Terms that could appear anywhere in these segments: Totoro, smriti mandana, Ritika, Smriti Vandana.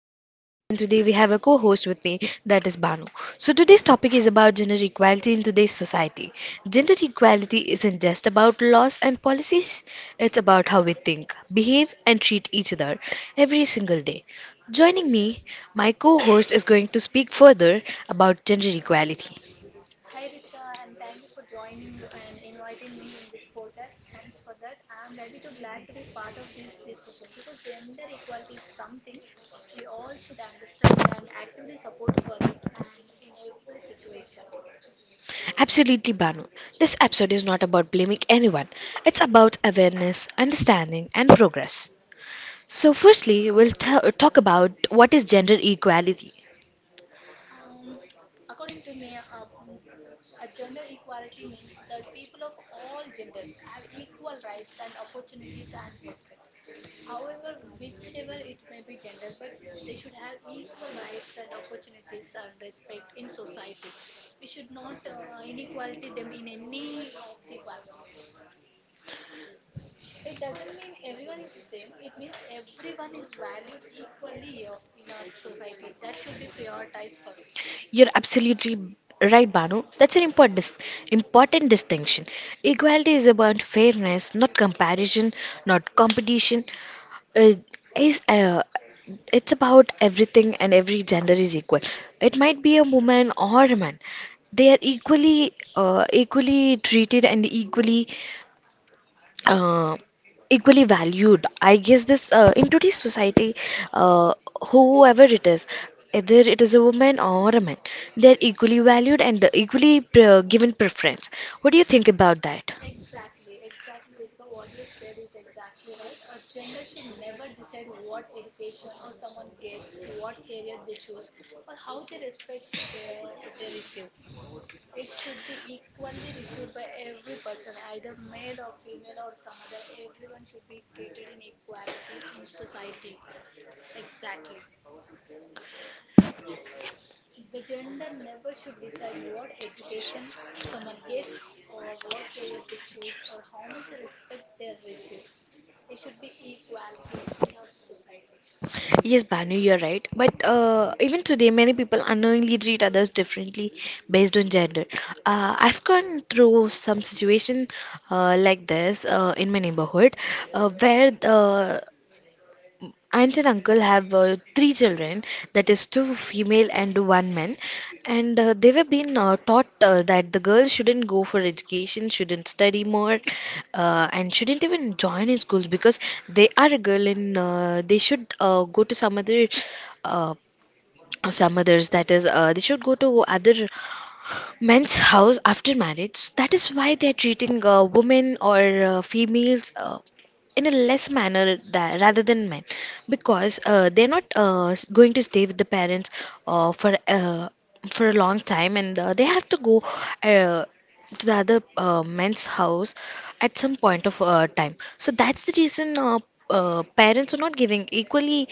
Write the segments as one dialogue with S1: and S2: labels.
S1: I'm Ritika and today we have a co-host with me, that is Banu. So today's topic is about gender equality in today's society. Gender equality isn't just about laws and policies, it's about how we think, behave and treat each other every single day. Joining me, my co-host is going to speak further about gender equality. Absolutely, Banu. This episode is not about blaming anyone. It's about awareness, understanding, and progress. So, firstly, we'll talk about what is gender equality. You're absolutely right, Banu. That's an important, important distinction. Equality is about fairness, not comparison, not competition. Uh, is It's about everything and every gender is equal. It might be a woman or a man. They are equally treated and uh, equally valued. I guess this in today's society, uh, whoever it is, either it is a woman or a man, they are equally valued and given preference. What do you think about that? Yes, Banu, you're right. But even today, many people unknowingly treat others differently based on gender. I've gone through some situation like this in my neighborhood, where aunt and uncle have three children, that is two female and one man, and they were being taught that the girls shouldn't go for education, shouldn't study more, and shouldn't even join in schools because they are a girl, and they should go to some other uh, some others, that is they should go to other men's house after marriage. So that is why they are treating women or females in a less manner, that, rather than men, because they're not going to stay with the parents for for a long time, and they have to go uh, to the other men's house at some point of time. So that's the reason parents are not giving equally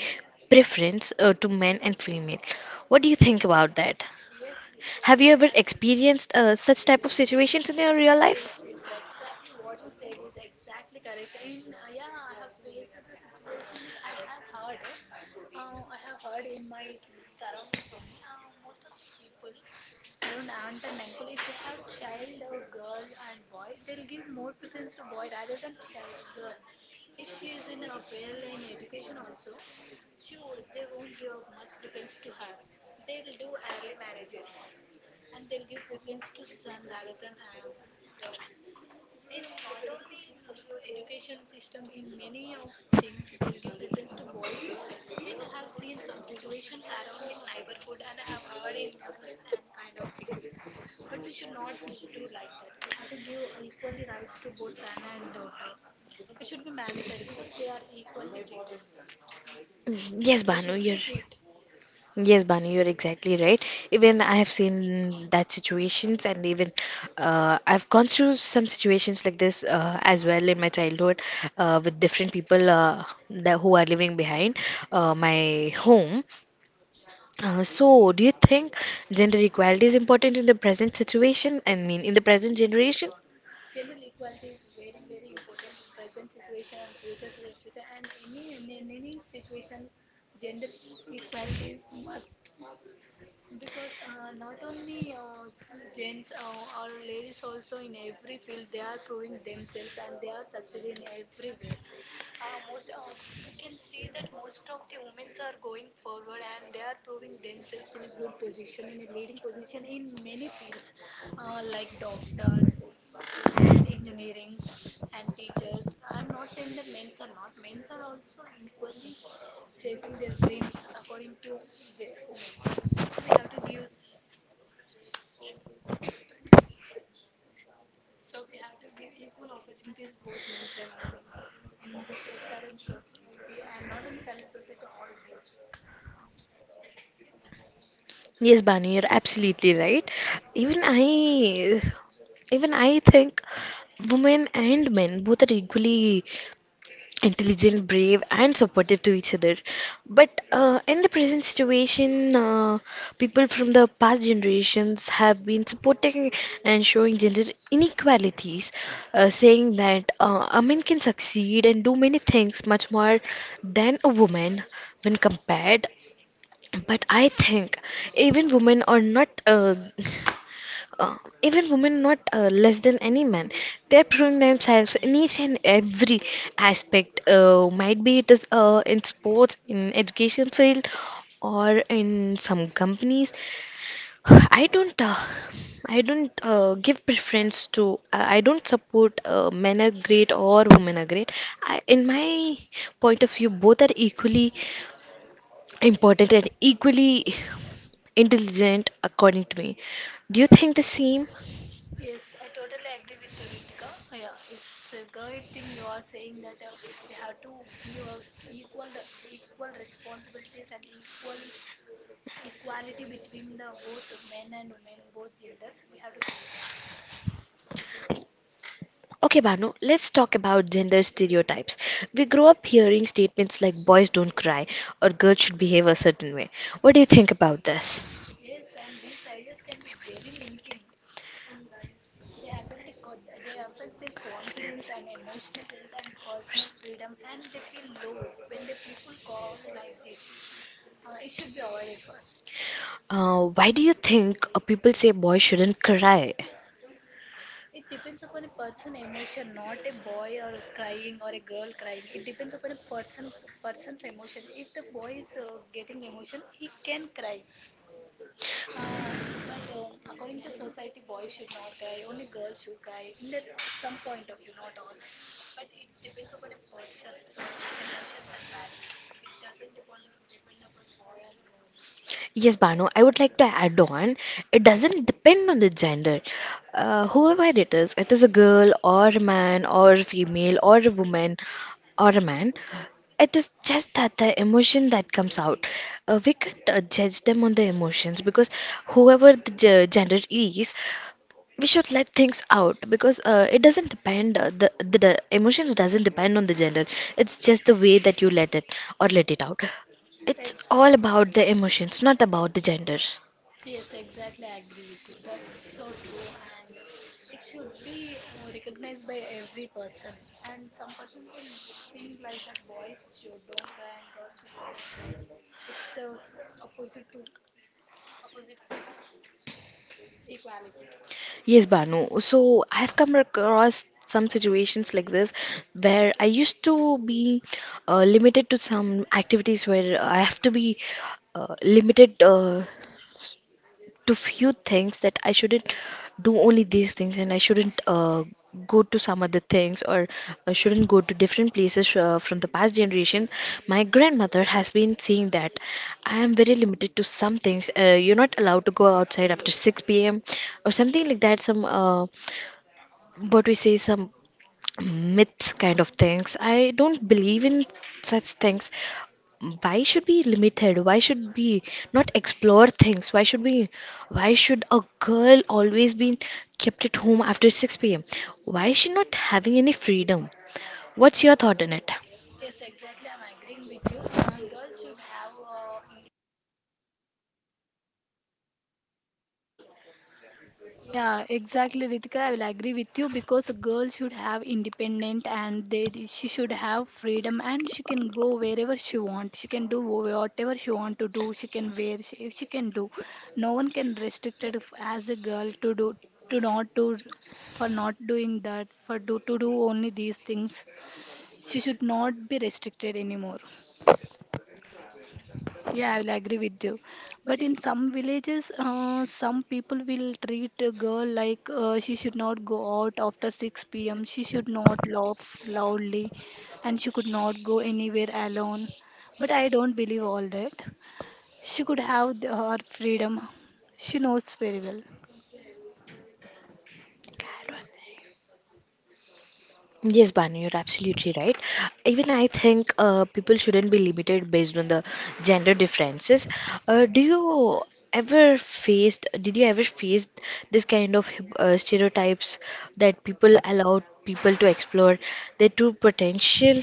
S1: preference to men and female. What do you think about that? Have you ever experienced such type of situations in your real life? Mm, yes, Banu, you're exactly right. Even I have seen that situations, and even I've gone through some situations like this as well in my childhood with different people that who are living behind my home. So, do you think gender equality is important in the present situation? I mean, in the present generation? Yes, Banu, you're absolutely right. Even I, even I think women and men both are equally intelligent, brave, and supportive to each other. But in the present situation, people from the past generations have been supporting and showing gender inequalities, saying that a man can succeed and do many things much more than a woman when compared. But I think even women are not uh, uh, even women not less than any man. They're proving themselves in each and every aspect might be it is in sports, in education field, or in some companies. I don't uh, i don't uh, give preference to, I don't support men are great or women are great. In my point of view, both are equally important and equally intelligent according to me. Do you think the same? Okay, Banu, let's talk about gender stereotypes. We grow up hearing statements like boys don't cry or girls should behave a certain way. What do you think about this? Why do you think people say boys shouldn't cry? Yes, Banu, I would like to add on. It doesn't depend on the gender. Whoever it is a girl or a man or a female or a woman or a man. It is just that the emotion that comes out. We can't judge them on the emotions because whoever the gender is, we should let things out because it doesn't depend, the emotions doesn't depend on the gender. It's just the way that you let it or let it out. It's all about the emotions, not about the genders. Yes, Banu, so I have come across some situations like this where I used to be limited to some activities where I have to be limited to few things, that I shouldn't do only these things and I shouldn't go to some other things or shouldn't go to different places from the past generation. My grandmother has been saying that I am very limited to some things. You're not allowed to go outside after 6 p.m. or something like that. Some, what we say, some myths kind of things. I don't believe in such things. Why should we limited? Why should we not explore things? Why should we? Why should a girl always be kept at home after 6 p.m.? Why is she not having any freedom? What's your thought on it?
S2: Yeah, exactly, Ritika. I will agree with you because a girl should have independent and they she should have freedom and she can go wherever she wants. She can do whatever she want to do. She can wear she can do. No one can restrict it as a girl to do to not do for not doing that for do to do only these things. She should not be restricted anymore. Yeah, I will agree with you. But in some villages, some people will treat a girl like she should not go out after 6 p.m. She should not laugh loudly and she could not go anywhere alone. But I don't believe all that. She could have her freedom. She knows very well.
S1: Yes, Banu, you're absolutely right. Even I think people shouldn't be limited based on the gender differences. Do you ever faced, Did you ever face this kind of stereotypes that people allowed people to explore their true potential?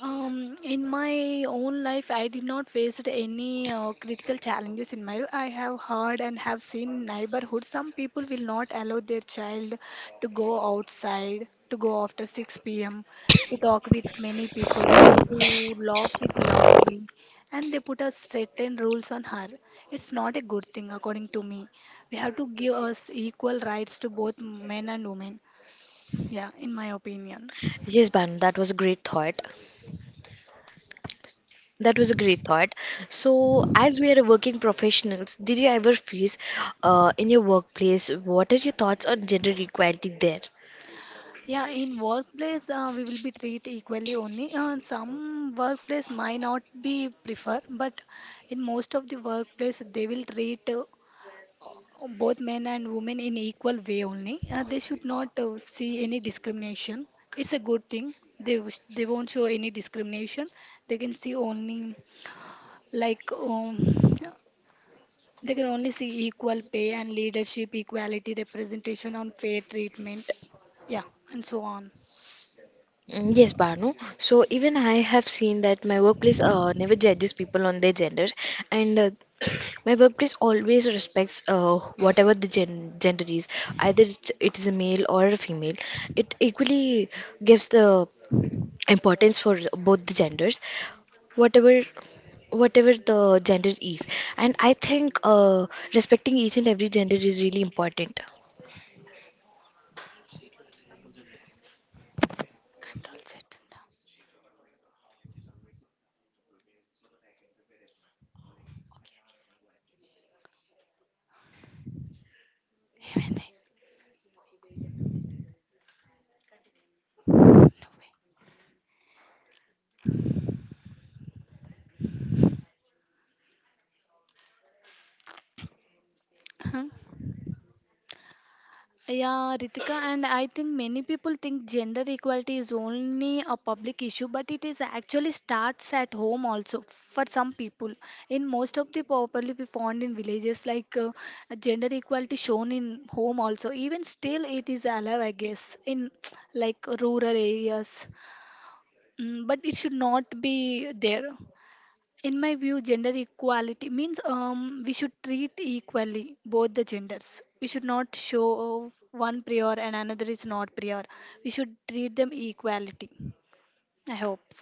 S2: In my own life, I did not face any critical challenges in my life. I have heard and have seen neighborhood. Some people will not allow their child to go outside, to go after 6 p.m., to talk with many people and to laugh with loudly. And they put a certain rules on her. It's not a good thing, according to me. We have to give us equal rights to both men and women. Yeah, in my opinion.
S1: Yes, Banu, that was a great thought. That was a great thought. So, as we are working professionals, did you ever face in your workplace, what are your thoughts on gender equality there?
S2: Yeah, in workplace, we will be treated equally only. Some workplace might not be prefer, but in most of the workplace, they will treat both men and women in equal way only. They should not see any discrimination. It's a good thing. They won't show any discrimination. They can see only like they can only see equal pay and leadership, equality, representation on fair treatment. Yeah, and so on.
S1: Mm, yes, Banu. So even I have seen that my workplace never judges people on their gender, and my workplace always respects whatever the gender is, either it it is a male or a female. It equally gives the importance for both the genders, whatever whatever the gender is. And I think respecting each and every gender is really important.
S2: Control set. Huh? Yeah, Ritika, and I think many people think gender equality is only a public issue, but it is actually starts at home also for some people. In most of the properly we found in villages, like gender equality shown in home also. Even still, it is alive, I guess, in like rural areas. Mm, but it should not be there. In my view, gender equality means we should treat equally both the genders. We should not show one prior and another is not prior. We should treat them equality, I hope.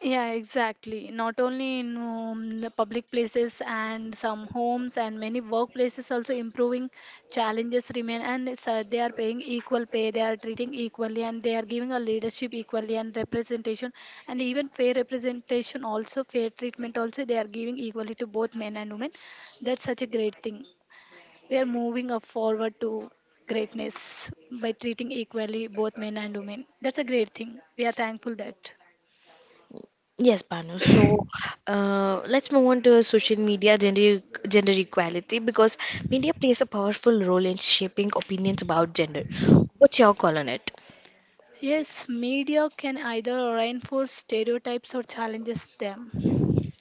S2: Yeah, exactly. Not only in the public places and some homes and many workplaces also improving challenges remain, and they are paying equal pay, they are treating equally, and they are giving a leadership equally and representation, and even fair representation also fair treatment also they are giving equally to both men and women. That's such a great thing. We are moving up forward to greatness by treating equally both men and women. That's a great thing. We are thankful that.
S1: Yes, Banu. So let's move on to social media gender equality, because media plays a powerful role in shaping opinions about gender. What's your call on it?
S2: Yes, media can either reinforce stereotypes or challenges them.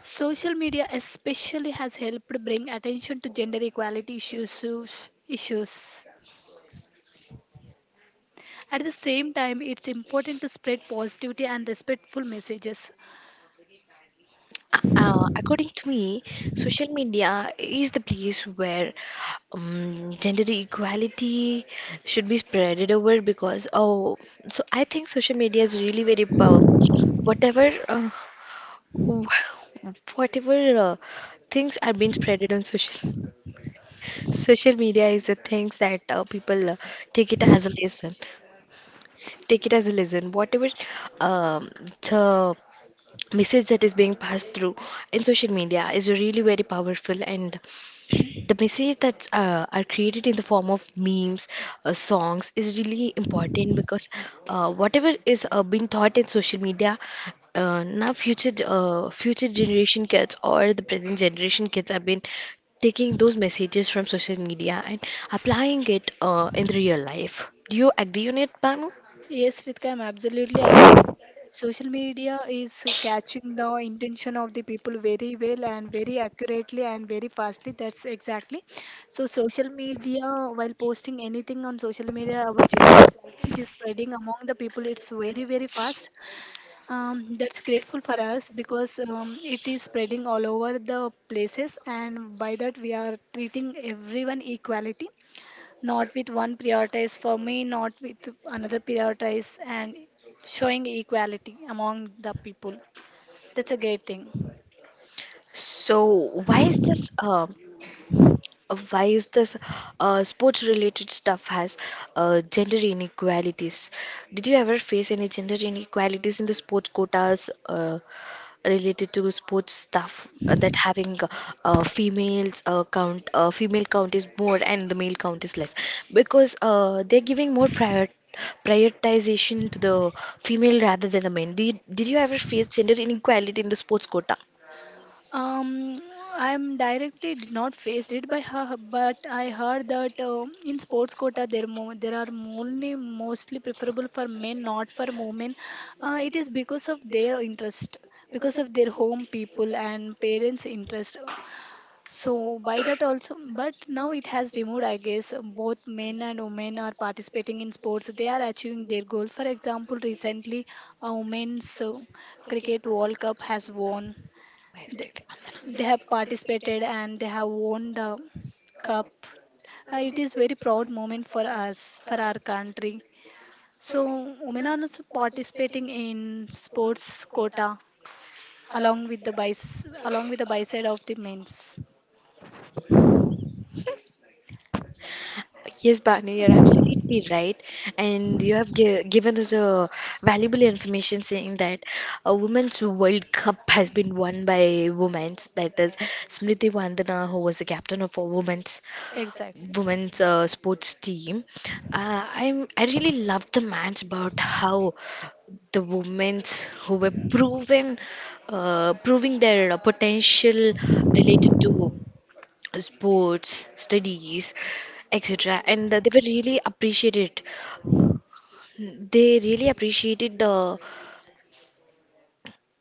S2: Social media especially has helped bring attention to gender equality issues. At the same time, it's important to spread positivity and respectful messages.
S1: According to me, social media is the place where gender equality should be spreaded over because so I think social media is really very powerful. Whatever, uh, whatever things are being spreaded on social. Social media is the things that people take it as a lesson. Take it as a lesson. Whatever um, the message that is being passed through in social media is really very powerful, and the message that are created in the form of memes, songs is really important, because whatever is being taught in social media, now future generation kids or the present generation kids have been taking those messages from social media and applying it in the real life. Do you agree on it, Banu?
S2: Yes, Ritika, I'm absolutely agree. Social media is catching the intention of the people very well and very accurately and very fastly. That's exactly. So social media, while posting anything on social media about gender, it is spreading among the people. It's very fast. That's grateful for us because it is spreading all over the places, and by that we are treating everyone equality, not with one prioritize for me, not with another prioritize, and showing equality among the people. That's a great thing.
S1: So, why is this? Uh, why is this sports related stuff has gender inequalities? Did you ever face any gender inequalities in the sports quotas related to sports stuff that having female count is more and the male count is less, because they're giving more prioritization to the female rather than the men. Did you ever face gender inequality in the sports quota?
S2: um I'm directly did not face it by her, but I heard that in sports quota there are only mostly preferable for men, not for women. Uh, it is because of their interest, because of their home people and parents interest. So by that also, but now it has removed, I guess, both men and women are participating in sports. They are achieving their goals. For example, recently a women's cricket World Cup has won. They, they have participated and they have won the cup. It is very proud moment for us, for our country. So women are also participating in sports quota along with the bis along with the biside of the men's.
S1: Yes, Bhanu, you're absolutely right. And you have gi given us a valuable information saying that a Women's World Cup has been won by women. That is Smriti Vandana, who was the captain of a women's
S2: Exactly.
S1: women's uh, sports team. I really loved the match about how the women's who were proven proving their potential related to sports, studies, etc. And they were really appreciated. They really appreciated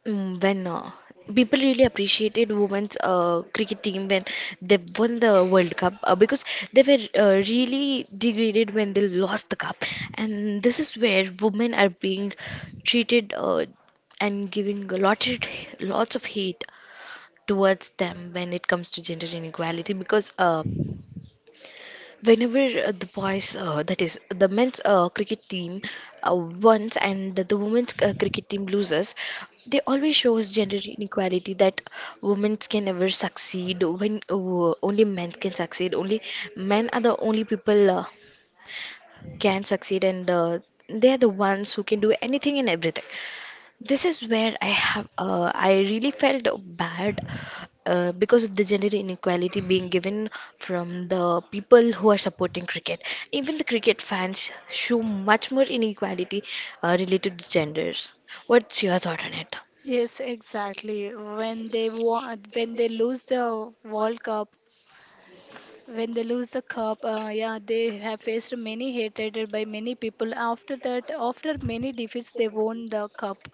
S1: mm, when people really appreciated women's cricket team when they won the World Cup, because they were really degraded when they lost the cup. And this is where women are being treated and giving a lot of, lots of hate towards them when it comes to gender inequality, because whenever the boys, that is the men's cricket team wins and the women's cricket team loses, they always shows gender inequality that women can never succeed, when only men can succeed, only men are the only people can succeed, and they are the ones who can do anything and everything. This is where I really felt bad because of the gender inequality being given from the people who are supporting cricket. Even the cricket fans show much more inequality related to genders. What's your thought on it?
S2: Yes, exactly. When they lose the World Cup, when they lose the cup, yeah, they have faced many hatred by many people. After that, after many defeats, they won the cup.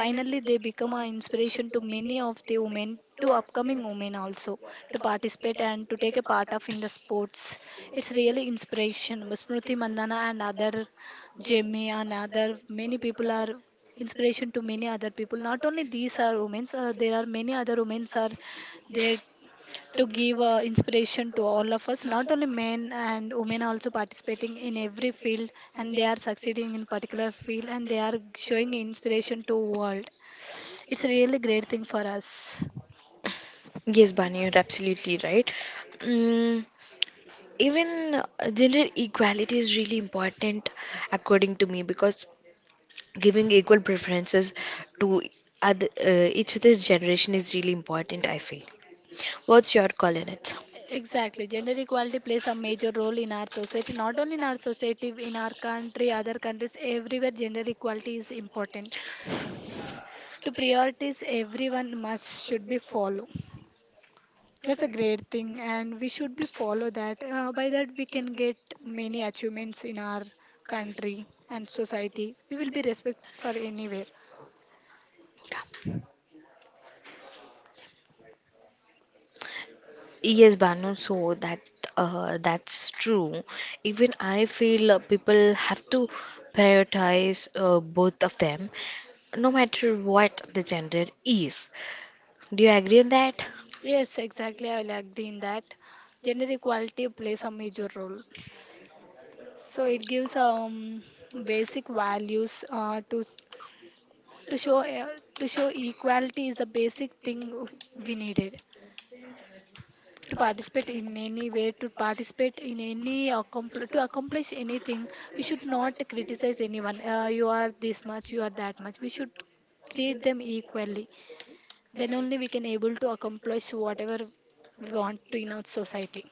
S2: Finally, they become an inspiration to many of the women, to upcoming women also, to participate and to take a part of in the sports. It's really inspiration. Smriti Mandana and other Jamie and other many people are inspiration to many other people. Not only these are women, there are many other women are there to give inspiration to all of us. Not only men and women are also participating in every field, and they are succeeding in particular field, and they are showing inspiration to world. It's a really great thing for us.
S1: Yes, Bani, you're absolutely right. Mm, even gender equality is really important, according to me, because giving equal preferences to each of this generation is really important I feel. What's your call on it?
S2: Exactly, gender equality plays a major role in our society. Not only in our society, in our country, other countries, everywhere gender equality is important. To priorities, everyone must should be follow. That's a great thing, and we should be follow that. By that, we can get many achievements in our country and society. We will be respect for anywhere.
S1: Yes, Banu, so that that's true. Even I feel people have to prioritize both of them, no matter what the gender is. Do you agree on that?
S2: Yes, exactly. I will agree in that. Gender equality plays a major role. So it gives basic values to show uh, to show equality is a basic thing we needed. To participate in any way, to participate in any accompl- to accomplish anything, we should not criticize anyone. Uh, you are this much, you are that much. We should treat them equally. Then only we can able to accomplish whatever we want to in our society.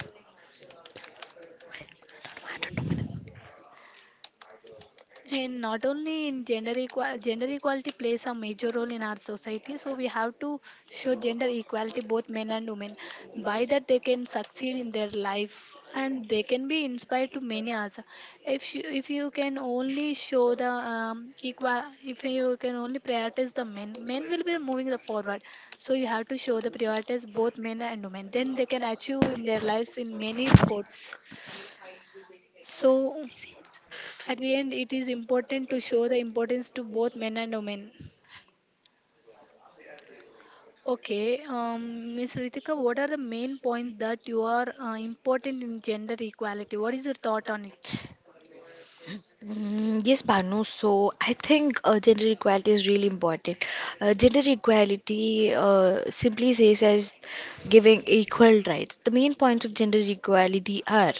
S2: And not only in gender equal gender equality plays a major role in our society, so we have to show gender equality both men and women. By that they can succeed in their life and they can be inspired to many others. If you can only show the equal, if you can only prioritize the men, men will be moving the forward. So you have to show the priorities both men and women, then they can achieve in their lives in many sports. So at the end, it is important to show the importance to both men and women. Okay, Miss Ritika, what are the main points that you are important in gender equality? What is your thought on it?
S1: Mm, yes, Banu. So I think gender equality is really important. Gender equality simply says as giving equal rights. The main points of gender equality are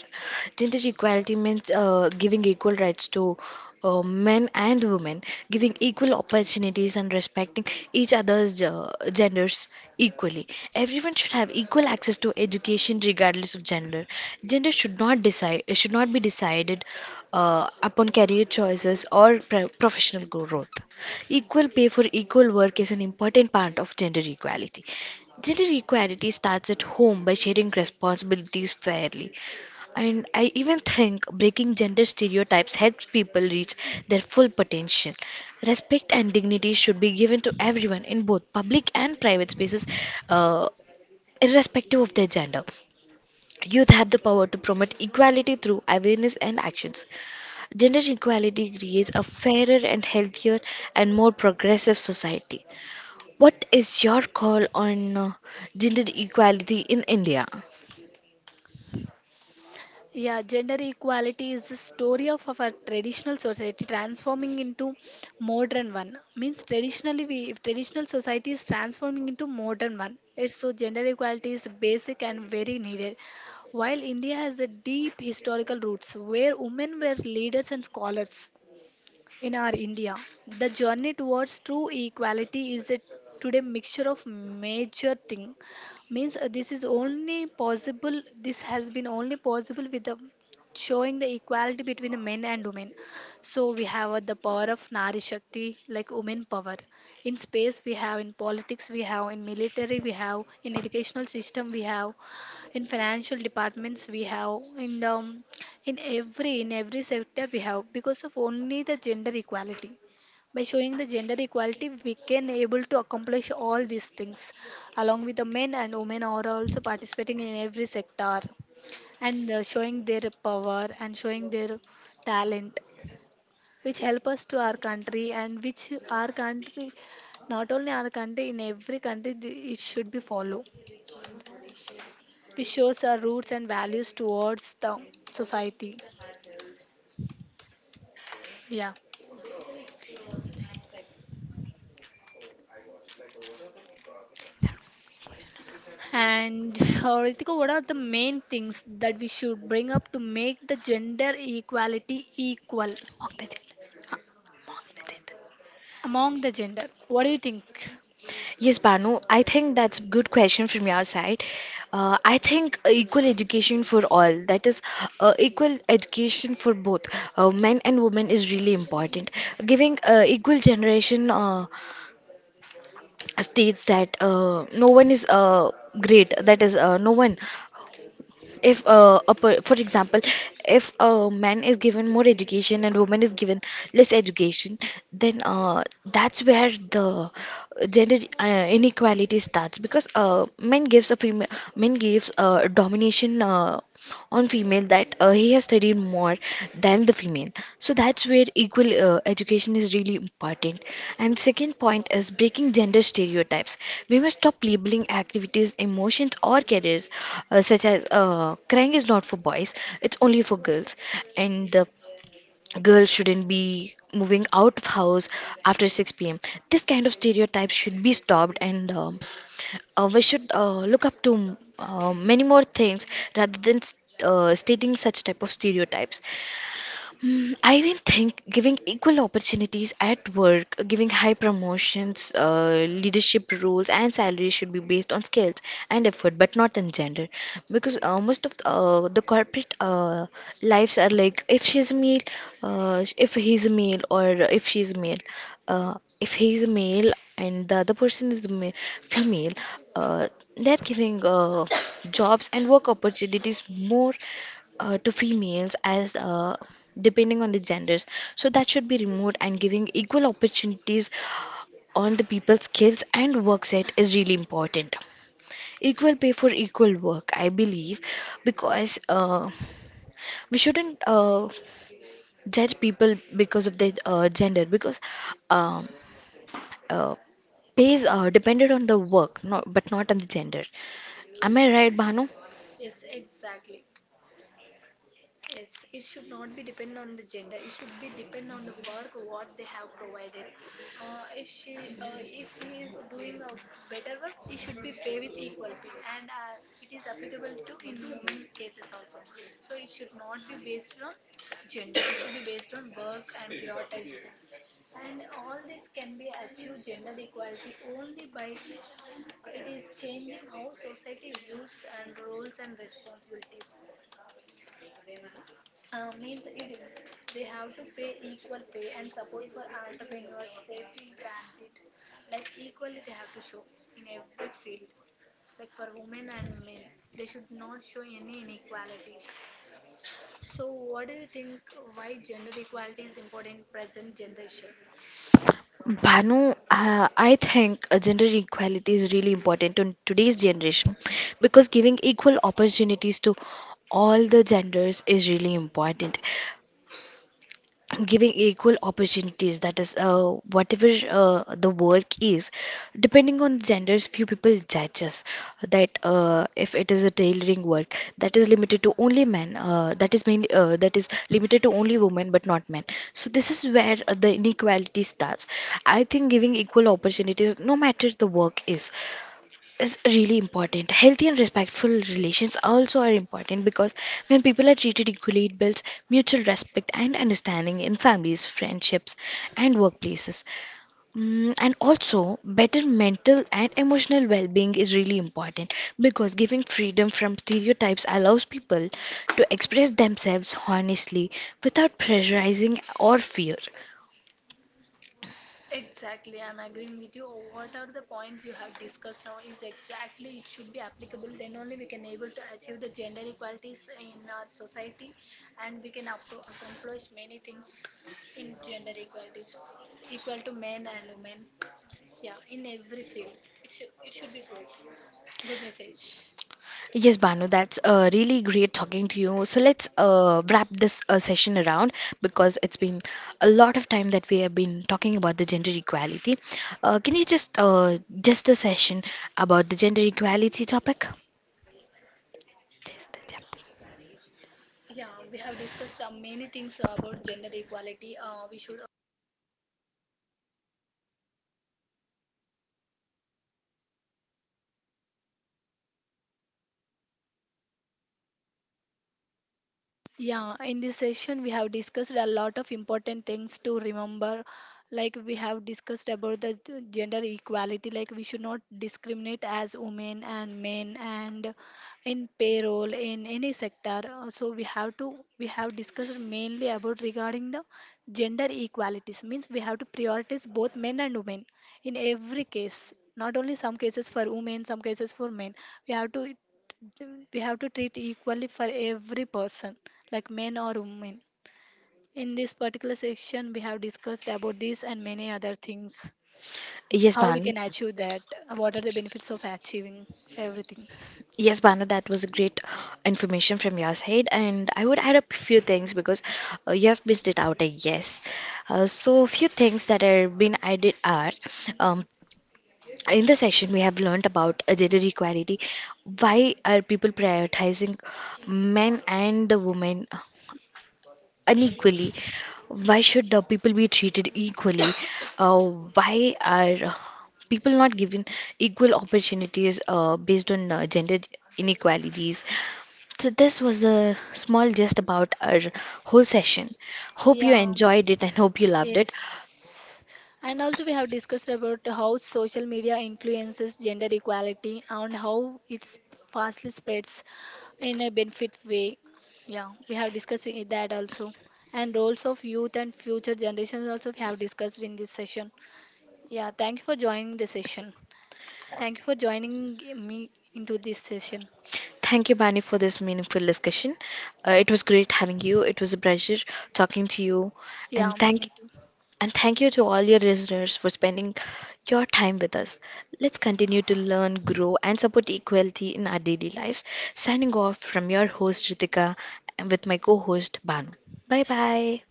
S1: gender equality means giving equal rights to men and women, giving equal opportunities and respecting each other's genders equally. Everyone should have equal access to education regardless of gender. Should not be decided upon career choices or professional growth. Equal pay for equal work is an important part of gender equality. Gender equality starts at home by sharing responsibilities fairly. And I even think breaking gender stereotypes helps people reach their full potential. Respect and dignity should be given to everyone in both public and private spaces, uh, irrespective of their gender. Youth have the power to promote equality through awareness and actions. Gender equality creates a fairer and healthier and more progressive society. What is your call on gender equality in India?
S2: Yeah, gender equality is the story of our traditional society transforming into modern one. Means traditionally, we, if traditional society is transforming into modern one. It's so gender equality is basic and very needed. While India has a deep historical roots where women were leaders and scholars, in our India. The journey towards true equality is a today mixture of major thing. Means this is only possible, this has been only possible with the showing the equality between the men and women. So we have the power of Nari Shakti, like women power. In space we have, in politics we have, in military we have, in educational system we have, in financial departments we have, in the in every sector we have, because of only the gender equality. By showing the gender equality, we can able to accomplish all these things, along with the men and women are also participating in every sector, and showing their power and showing their talent, which help us to our country, and which our country, not only our country, in every country it should be followed, which shows our roots and values towards the society. Yeah. And Ritika, what are the main things that we should bring up to make the gender equality equal
S1: Okay.
S2: uh, among the gender? What do you think?
S1: Yes, Banu, I think that's a good question from your side. I think equal education for all, that is, equal education for both men and women, is really important. Giving equal generation states that no one is great, that is, no one. If for example, if a man is given more education and woman is given less education then that's where the gender inequality starts because men gives domination on female that he has studied more than the female. So that's where equal education is really important. And second point is breaking gender stereotypes. We must stop labeling activities, emotions, or careers such as crying is not for boys; it's only for girls, and girls shouldn't be moving out of house after 6 p.m. This kind of stereotype should be stopped, and we should look up to many more things rather than stating such type of stereotypes. I even think giving equal opportunities at work, giving high promotions, leadership roles, and salaries should be based on skills and effort, but not on gender. Because most of the corporate lives are like if he's a male, or if she's a male uh, if he is a male and the other person is the female, uh, they're giving jobs and work opportunities more to females as depending on the genders. So that should be removed and giving equal opportunities on the people's skills and work set is really important. Equal pay for equal work, I believe, because we shouldn't judge people because of their gender because um, uh, pays are depended on the work, not, but not on the gender. Am I right, Bhanu? Bhanu, I think gender equality is really important in today's generation because giving equal opportunities to all the genders is really important. Giving equal opportunities, that is, whatever the work is, depending on genders few people judge us that if it is a tailoring work that is limited to only men that is mainly that is limited to only women but not men. So this is where the inequality starts. I think giving equal opportunities no matter the work is really important. Healthy and respectful relations also are important because when people are treated equally, it builds mutual respect and understanding in families, friendships, and workplaces. And also, better mental and emotional well being is really important because giving freedom from stereotypes allows people to express themselves honestly without pressurizing or fear. Yes, Banu, that's really great talking to you. So let's wrap this session around because it's been a lot of time that we have been talking about the gender equality. Can you just the session about the gender equality topic? Yeah.
S2: Yeah, in this session, we have discussed a lot of important things to remember. Like we have discussed about the gender equality, like we should not discriminate as women and men, and in payroll in any sector. So we have discussed mainly about regarding the gender equalities. Means we have to prioritize both men and women in every case. Not only some cases for women, some cases for men. We have to we have to treat equally for every person like men or women. In this particular section, we have discussed about this and many other things,
S1: Yes,
S2: how we
S1: Banu.
S2: can achieve that, what are the benefits of achieving everything.
S1: Yes, Banu, that was great information from your side, and I would add up a few things because you have missed it out, I guess. So, few things that have been added are um, in this section, we have learnt about gender equality. Why are people prioritizing men and the women unequally? Why should the people be treated equally? Uh, why are people not given equal opportunities based on gender inequalities? So, this was the small gist about our whole session. Hope you
S2: Yeah,
S1: enjoyed it and hope you loved it.
S2: yes, and also we have discussed about how social media influences gender equality and how it's fastly spreads in a benefit way. Yeah, we have discussed that also. And roles of youth and future generations also we have discussed in this session. Yeah, thank you for joining the session. Thank you for joining me into this session.
S1: Thank you, Bani, for this meaningful discussion. It was great having you. It was a pleasure talking to you,
S2: Yeah,
S1: and thank
S2: me too.
S1: and thank you to all your listeners for spending your time with us. Let's continue to learn, grow, and support equality in our daily lives. Signing off from your host Ritika and with my co-host Banu. Bye bye.